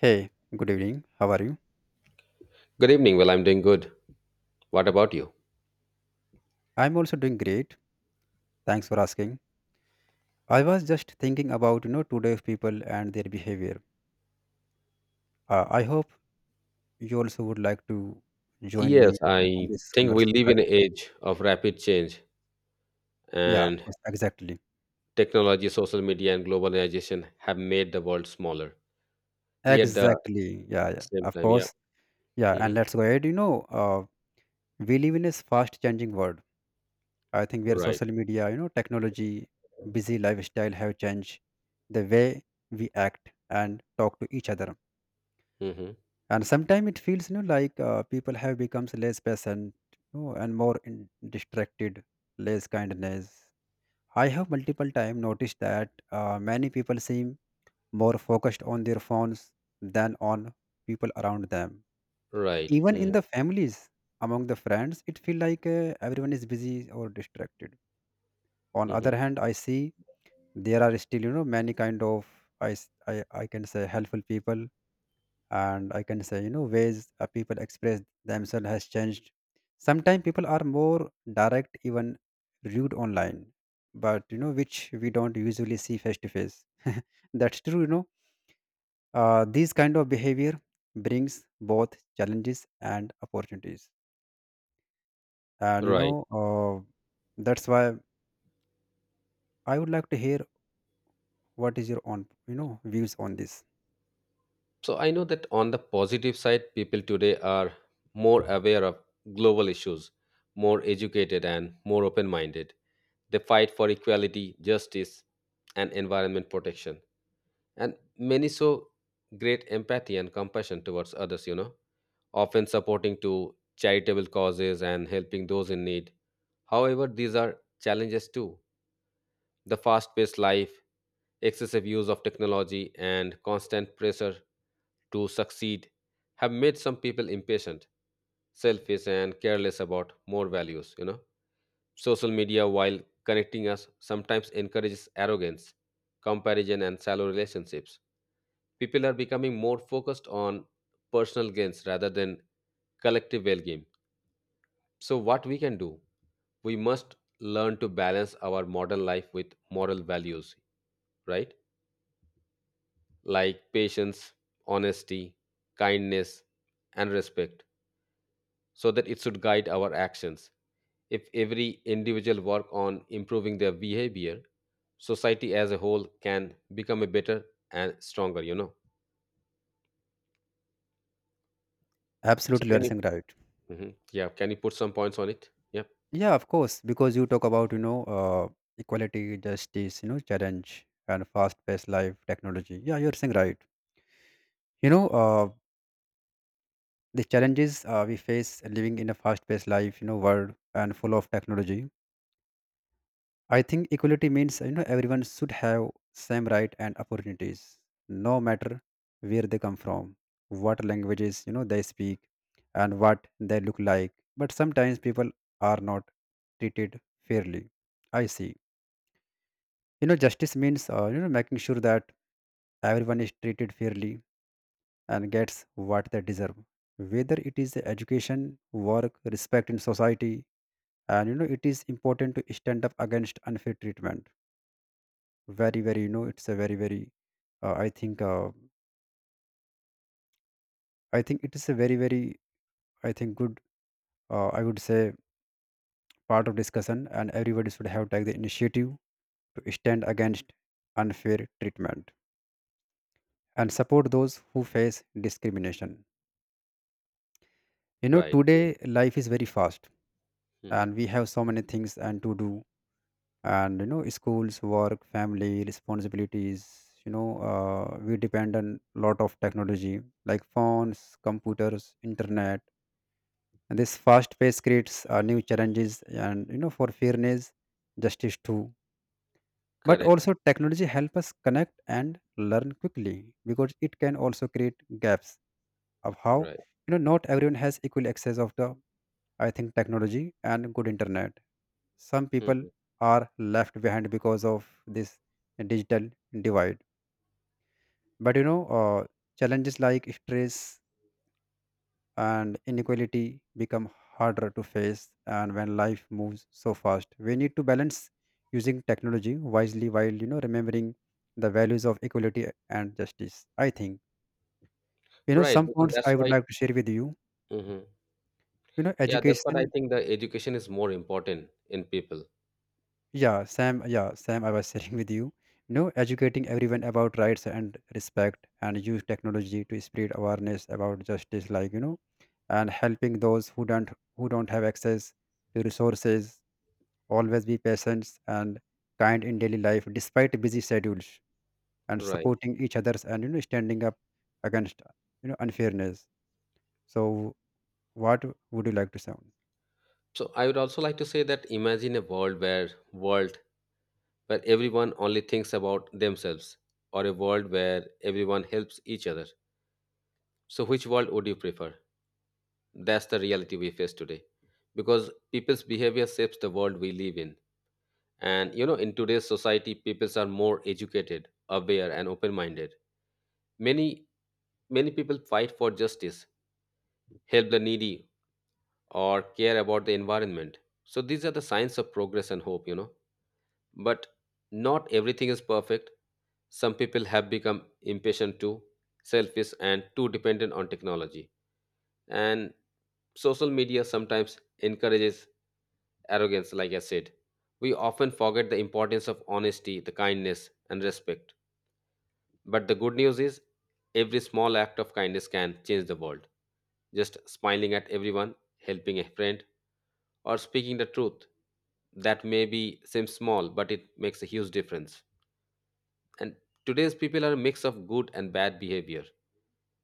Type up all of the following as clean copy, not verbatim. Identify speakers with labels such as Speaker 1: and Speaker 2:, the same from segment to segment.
Speaker 1: Hey, good evening. How are you?
Speaker 2: Good evening. Well, I'm doing good. What about you?
Speaker 1: I'm also doing great. Thanks for asking. I was just thinking about, you know, today's people and their behavior. I hope you also would like to join
Speaker 2: Yes,
Speaker 1: me on
Speaker 2: I
Speaker 1: this
Speaker 2: think we
Speaker 1: conversation,
Speaker 2: live in
Speaker 1: right?
Speaker 2: an age of rapid change,
Speaker 1: Yeah,
Speaker 2: and
Speaker 1: yes, exactly.
Speaker 2: technology, social media, and globalization have made the world smaller. Yet, the
Speaker 1: Exactly. Yeah, yeah.
Speaker 2: same
Speaker 1: Of
Speaker 2: time, yeah.
Speaker 1: course. Yeah,
Speaker 2: Hmm.
Speaker 1: and let's go ahead. We live in a fast changing world. I think where
Speaker 2: Right.
Speaker 1: social media, you know, technology, busy lifestyle have changed the way we act and talk to each other,
Speaker 2: Hmm.
Speaker 1: and sometimes it feels, you know, like people have becomes less patient, you know, and more distracted, less kindness. I have multiple times noticed that many people seem more focused on their phones than on people around them.
Speaker 2: Right.
Speaker 1: Even
Speaker 2: Hmm,
Speaker 1: in the families, among the friends, it feel like everyone is busy or distracted. On
Speaker 2: hmm.
Speaker 1: other hand, I see there are still, you know, many kind of I can say helpful people. And I can say, you know, ways people express themselves has changed. Sometimes people are more direct, even rude online, but you know, which we don't usually see face to face. That's true, you know. Uh, these kind of behavior brings both challenges and opportunities. And
Speaker 2: Right.
Speaker 1: that's why I would like to hear what is your own, you know, views on this.
Speaker 2: So, I know that on the positive side, people today are more aware of global issues, more educated, and more open minded. They fight for equality, justice, and environment protection, and many show great empathy and compassion towards others, you know, often supporting to charitable causes and helping those in need. However, these are challenges too. The fast paced life, excessive use of technology, and constant pressure to succeed have made some people impatient, selfish, and careless about more values, you know. Social media, while connecting us, sometimes encourages arrogance, comparison, and shallow relationships. People are becoming more focused on personal gains rather than collective well being. So, what we can do? We must learn to balance our modern life with moral values, right? Like patience, honesty, kindness, and respect, so that it should guide our actions. If every individual work on improving their behavior, society as a whole can become a better and stronger, you know. So
Speaker 1: Absolutely, you're
Speaker 2: can you,
Speaker 1: saying right.
Speaker 2: mhm, yeah, can you put some points on it? Yeah.
Speaker 1: Yeah, of course, because you talk about, you know, equality, justice, you know, challenge and fast-paced life, technology. Yeah, you're saying right. You know, uh, the challenges we face living in a fast-paced life, you know, world and full of technology. I think equality means, you know, everyone should have same right and opportunities, no matter where they come from, what languages, you know, they speak and what they look like. But sometimes people are not treated fairly. I see, you know, justice means, you know, making sure that everyone is treated fairly and gets what they deserve, whether it is education, work, respect in society. And you know, it is important to stand up against unfair treatment. Very very You know, it's a very very I think I think it is a very very I think good, I would say, part of discussion, and everybody should have take the initiative to stand against unfair treatment and support those who face discrimination. You know,
Speaker 2: Right.
Speaker 1: today life is very fast, and
Speaker 2: Mm-hmm.
Speaker 1: we have so many things and to do. And you know, schools, work, family responsibilities. We depend on lot of technology like phones, computers, internet, and this fast pace creates new challenges, and you know, for fairness, justice too. But
Speaker 2: Correct.
Speaker 1: also technology help us connect and learn quickly, because it can also create gaps of how,
Speaker 2: Right.
Speaker 1: you know, not everyone has equal access of the, I think, technology and good internet. Some people
Speaker 2: Mhm.
Speaker 1: are left behind because of this digital divide. But challenges like stress and inequality become harder to face. And when life moves so fast, we need to balance using technology wisely while, you know, remembering the values of equality and justice. I think, you know,
Speaker 2: Right.
Speaker 1: some
Speaker 2: Because
Speaker 1: points
Speaker 2: that's
Speaker 1: I would
Speaker 2: why.
Speaker 1: like to share with you.
Speaker 2: Hmm.
Speaker 1: You know,
Speaker 2: Yeah, that's what I
Speaker 1: education.
Speaker 2: think. The education is more important in people.
Speaker 1: Yeah, Sam. Yeah, Sam. I was sharing with you. You know, educating everyone about rights and respect, and use technology to spread awareness about justice, like you know, and helping those who don't have access to resources. Always be patient and kind in daily life, despite busy schedules, and
Speaker 2: Right.
Speaker 1: supporting each others, and you know, standing up against, you know, unfairness. So, what would you like to sound?
Speaker 2: So I would also like to say that imagine a world where everyone only thinks about themselves, or a world where everyone helps each other. So which world would you prefer? That's the reality we face today, because people's behavior shapes the world we live in. And you know, in today's society, peoples are more educated, aware, and open-minded. Many Many people fight for justice, help the needy, or care about the environment. So these are the signs of progress and hope, you know. But not everything is perfect. Some people have become impatient too, selfish, and too dependent on technology. And social media sometimes encourages arrogance, like I said. We often forget the importance of honesty, the kindness, and respect. But the good news is, every small act of kindness can change the world. Just smiling at everyone, helping a friend, or speaking the truth, that maybe seems small, but it makes a huge difference. And today's people are a mix of good and bad behavior.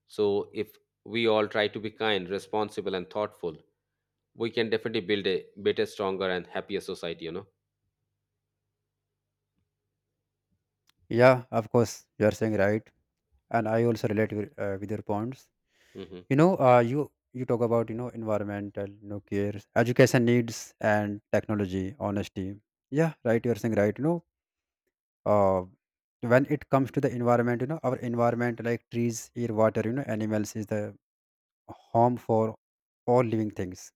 Speaker 2: So if we all try to be kind, responsible, and thoughtful, we can definitely build a better, stronger, and happier society. You know.
Speaker 1: Yeah, of course, you are saying right, and I also relate with your points.
Speaker 2: Hmm.
Speaker 1: You know, you talk about, you know, environmental, you know, cares, education needs, and technology, honesty. Yeah, right, you're saying right. You know, uh, when it comes to the environment, you know, our environment like trees, air, water, you know, animals, is the home for all living things,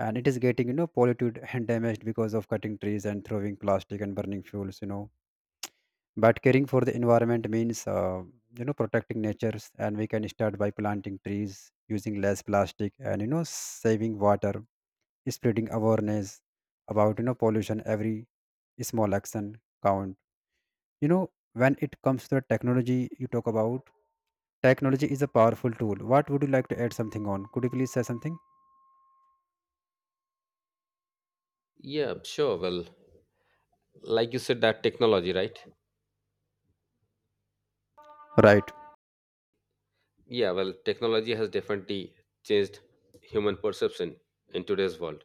Speaker 1: and it is getting, you know, polluted and damaged because of cutting trees and throwing plastic and burning fuels, you know. But caring for the environment means, you know, protecting natures. And we can start by planting trees, using less plastic, and you know, saving water, spreading awareness about, you know, pollution. Every small action count, you know. When it comes to the technology, you talk about, technology is a powerful tool. What would you like to add something on? Could you please say something?
Speaker 2: Yeah, sure. Well, like you said, that technology, right?
Speaker 1: Right.
Speaker 2: Yeah. Well, technology has definitely changed human perception in today's world.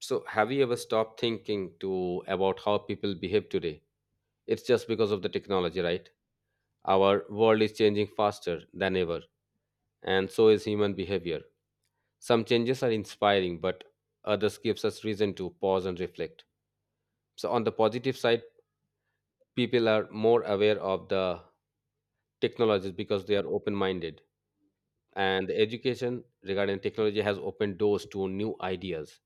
Speaker 2: So, have you ever stopped thinking to about how people behave today? It's just because of the technology, right? Our world is changing faster than ever, and so is human behavior. Some changes are inspiring, but others gives us reason to pause and reflect. So, on the positive side, people are more aware of the technologies because they are open-minded, and the education regarding technology has opened doors to new ideas.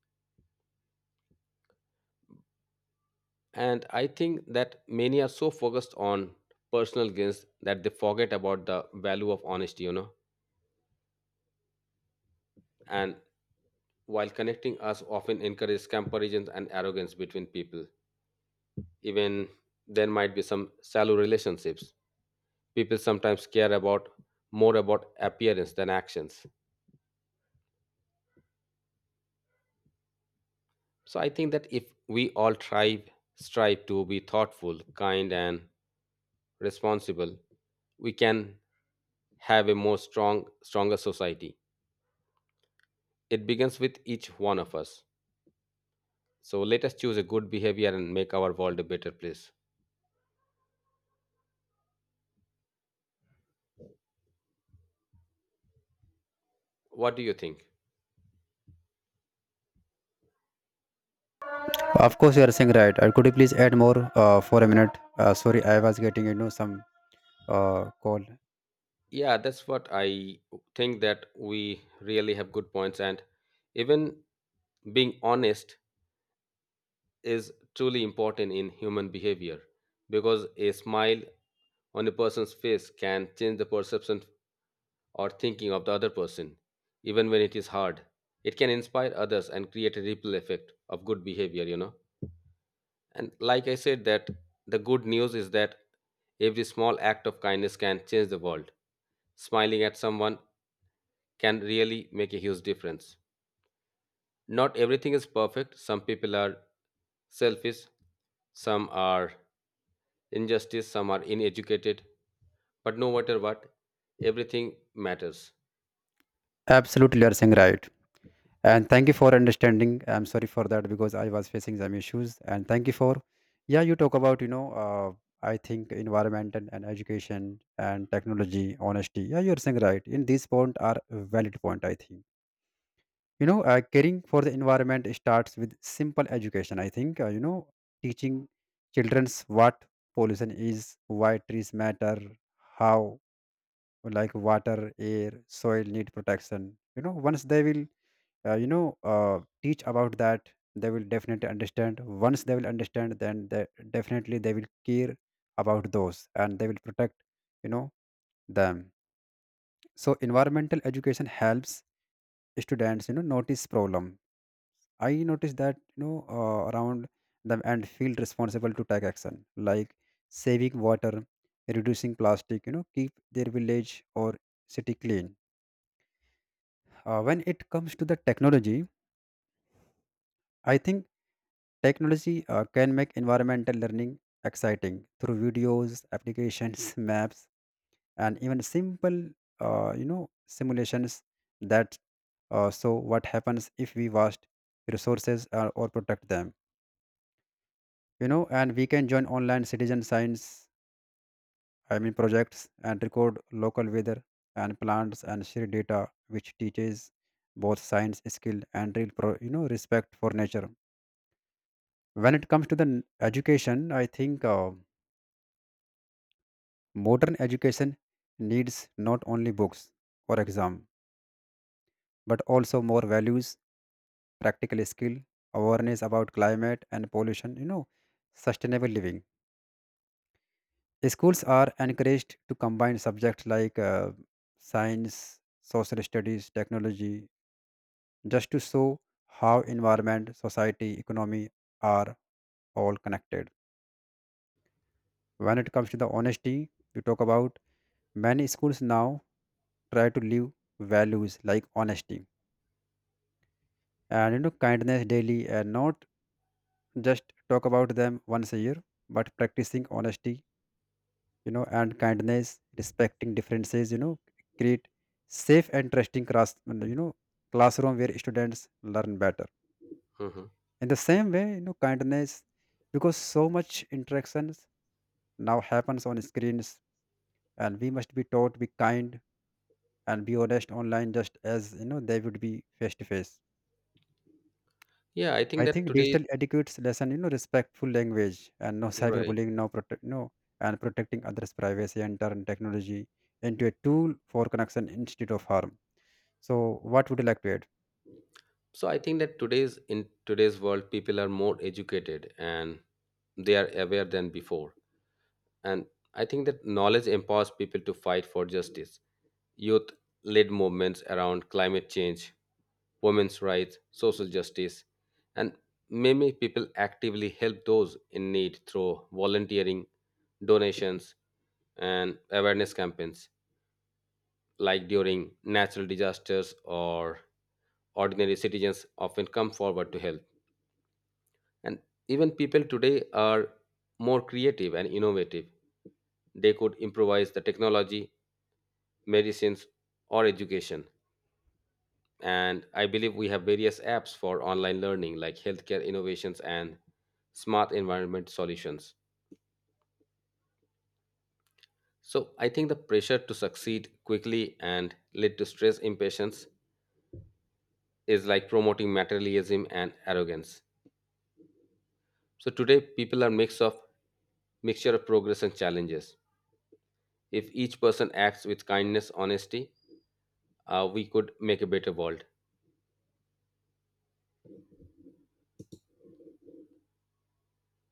Speaker 2: And I think that many are so focused on personal gains that they forget about the value of honesty, you know. And while connecting us often encourages comparisons and arrogance between people, even there might be some shallow relationships. People sometimes care about more about appearance than actions. So I think that if we all strive to be thoughtful, kind and responsible, we can have a more strong stronger society. It begins with each one of us. So let us choose a good behavior and make our world a better place. What do you think?
Speaker 1: Of course, you are saying right. Could you please add more for a minute? Sorry, I was getting, you know, some call.
Speaker 2: Yeah, that's what I think that we really have good points, and even being honest is truly important in human behavior, because a smile on a person's face can change the perception or thinking of the other person, even when it is hard. It can inspire others and create a ripple effect of good behavior, you know. And like I said, that the good news is that every small act of kindness can change the world. Smiling at someone can really make a huge difference. Not everything is perfect. Some people are selfish, some are injustice, some are uneducated. But no matter what, everything matters.
Speaker 1: Absolutely, you are saying right, and thank you for understanding. I'm sorry for that because I was facing some issues, and thank you for, yeah, you talk about, you know, I think environment and education and technology, honesty. Yeah, you're saying right. In this point are valid point, I think. You know, caring for the environment starts with simple education, I think. You know, teaching children's what pollution is, why trees matter, how, like water, air, soil need protection. You know, once they will, teach about that, they will definitely understand. Once they will understand, then they definitely they will care about those, and they will protect, you know, them. So environmental education helps students, you know, notice problem. I noticed that, you know, around them, and feel responsible to take action, like saving water, reducing plastic, you know, keep their village or city clean. When it comes to the technology, I think technology can make environmental learning exciting through videos, applications, maps, and even simple, you know, simulations that, so what happens if we waste resources or protect them, you know. And we can join online citizen science, I mean, projects, and record local weather and plants and share data, which teaches both science skill and real, you know, respect for nature. When it comes to the education, I think, modern education needs not only books or exam, but also more values, practical skill, awareness about climate and pollution, you know, sustainable living. Schools are encouraged to combine subjects like science, social studies, technology, just to show how environment, society, economy are all connected. When it comes to the honesty, you talk about, many schools now try to live values like honesty and, you know, kindness daily, and not just talk about them once a year. But practicing honesty, you know, and kindness, respecting differences, you know, create safe and trusting class, you know, classroom where students learn better.
Speaker 2: Mhm.
Speaker 1: In the same way, you know, kindness, because so much interactions now happens on screens, and we must be taught be kind and be honest online just as, you know, they would be face to face.
Speaker 2: Yeah, I think
Speaker 1: I
Speaker 2: that
Speaker 1: think
Speaker 2: today,
Speaker 1: digital etiquette's lesson, you know, respectful language and no
Speaker 2: right.
Speaker 1: cyberbullying, no protect, no, and protecting others' privacy, and turn technology into a tool for connection instead of harm. So, what would you like to add?
Speaker 2: So I think that today's in today's world, people are more educated and they are aware than before. And I think that knowledge empowers people to fight for justice. Youth led movements around climate change, women's rights, social justice, and many people actively help those in need through volunteering, donations, and awareness campaigns. Like during natural disasters, or ordinary citizens often come forward to help. And even people today are more creative and innovative. They could improvise the technology, medicines, or education. And I believe we have various apps for online learning, like healthcare innovations and smart environment solutions. So I think the pressure to succeed quickly and lead to stress impatience is like promoting materialism and arrogance. So today people are mixture of progress and challenges. If each person acts with kindness, honesty, we could make a better world.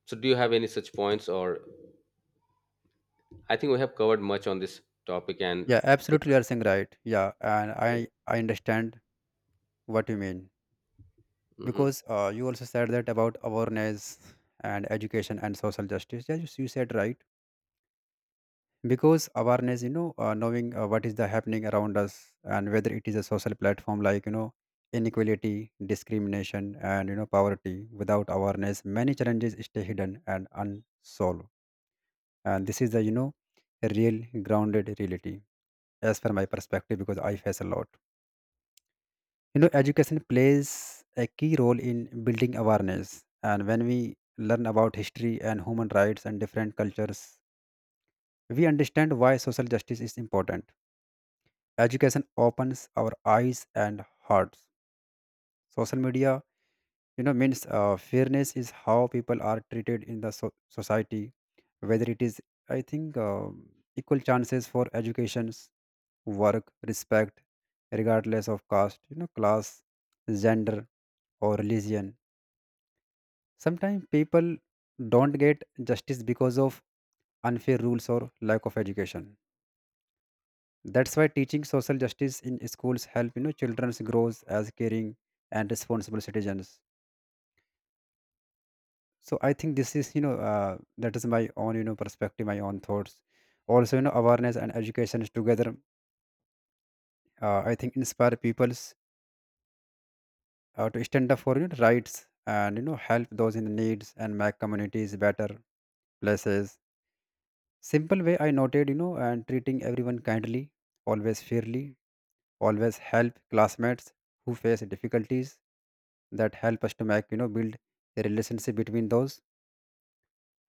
Speaker 2: So do you have any such points, or I think we have covered much on this topic and
Speaker 1: Yeah, absolutely, you are saying right. Yeah, and I understand what you mean,
Speaker 2: mhm.
Speaker 1: because you also said that about awareness and education and social justice. Yeah, you said right. Because awareness, you know, knowing, what is the happening around us, and whether it is a social platform like, you know, inequality, discrimination, and you know, poverty. Without awareness, many challenges stay hidden and unsolved, and this is the, you know, real grounded reality, as per my perspective, because I face a lot. You know, education plays a key role in building awareness, and when we learn about history and human rights and different cultures, we understand why social justice is important. Education opens our eyes and hearts. Social media, you know, means, fairness is how people are treated in the society, whether it is, I think, equal chances for educations, work, respect, regardless of caste, you know, class, gender, or religion. Sometimes people don't get justice because of unfair rules or lack of education. That's why teaching social justice in schools help, you know, children grows as caring and responsible citizens. So I think this is, you know, that is my own, you know, perspective, my own thoughts. Also, you know, awareness and education is together, I think, inspire peoples to stand up for, you know, rights, and you know, help those in needs, and make communities better places. Simple way I noted, you know, and treating everyone kindly, always fairly, always help classmates who face difficulties. That help us to make, you know, build a relationship between those.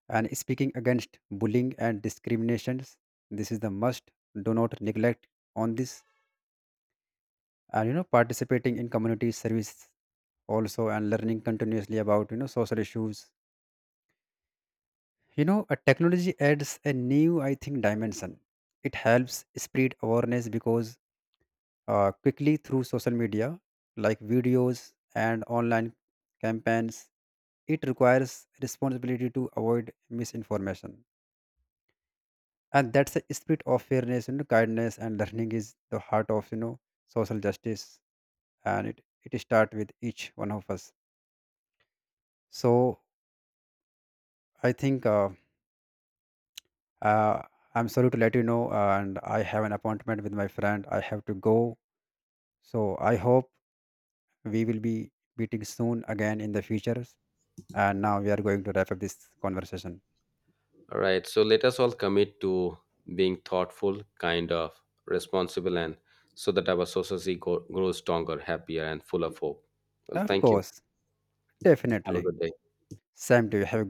Speaker 1: And speaking against bullying and discriminations, this is the must. Do not neglect on this. And you know, participating in community service also, and learning continuously about, you know, social issues. You know, a technology adds a new, I think, dimension. It helps spread awareness, because quickly through social media like videos and online campaigns. It requires responsibility to avoid misinformation. And that's the spirit of fairness, you know, kindness, and learning is the heart of, you know, social justice. And it starts with each one of us. So I think, uh, I'm sorry to let you know, and I have an appointment with my friend. I have to go. So I hope we will be meeting soon again in the futures, and now we are going to wrap up this conversation.
Speaker 2: All right. So let us all commit to being thoughtful, kind of responsible, and so that our society grows stronger, happier, and full of hope. Well,
Speaker 1: Of
Speaker 2: thank you.
Speaker 1: course.
Speaker 2: Have a
Speaker 1: Definitely.
Speaker 2: good day.
Speaker 1: Same to you. Have a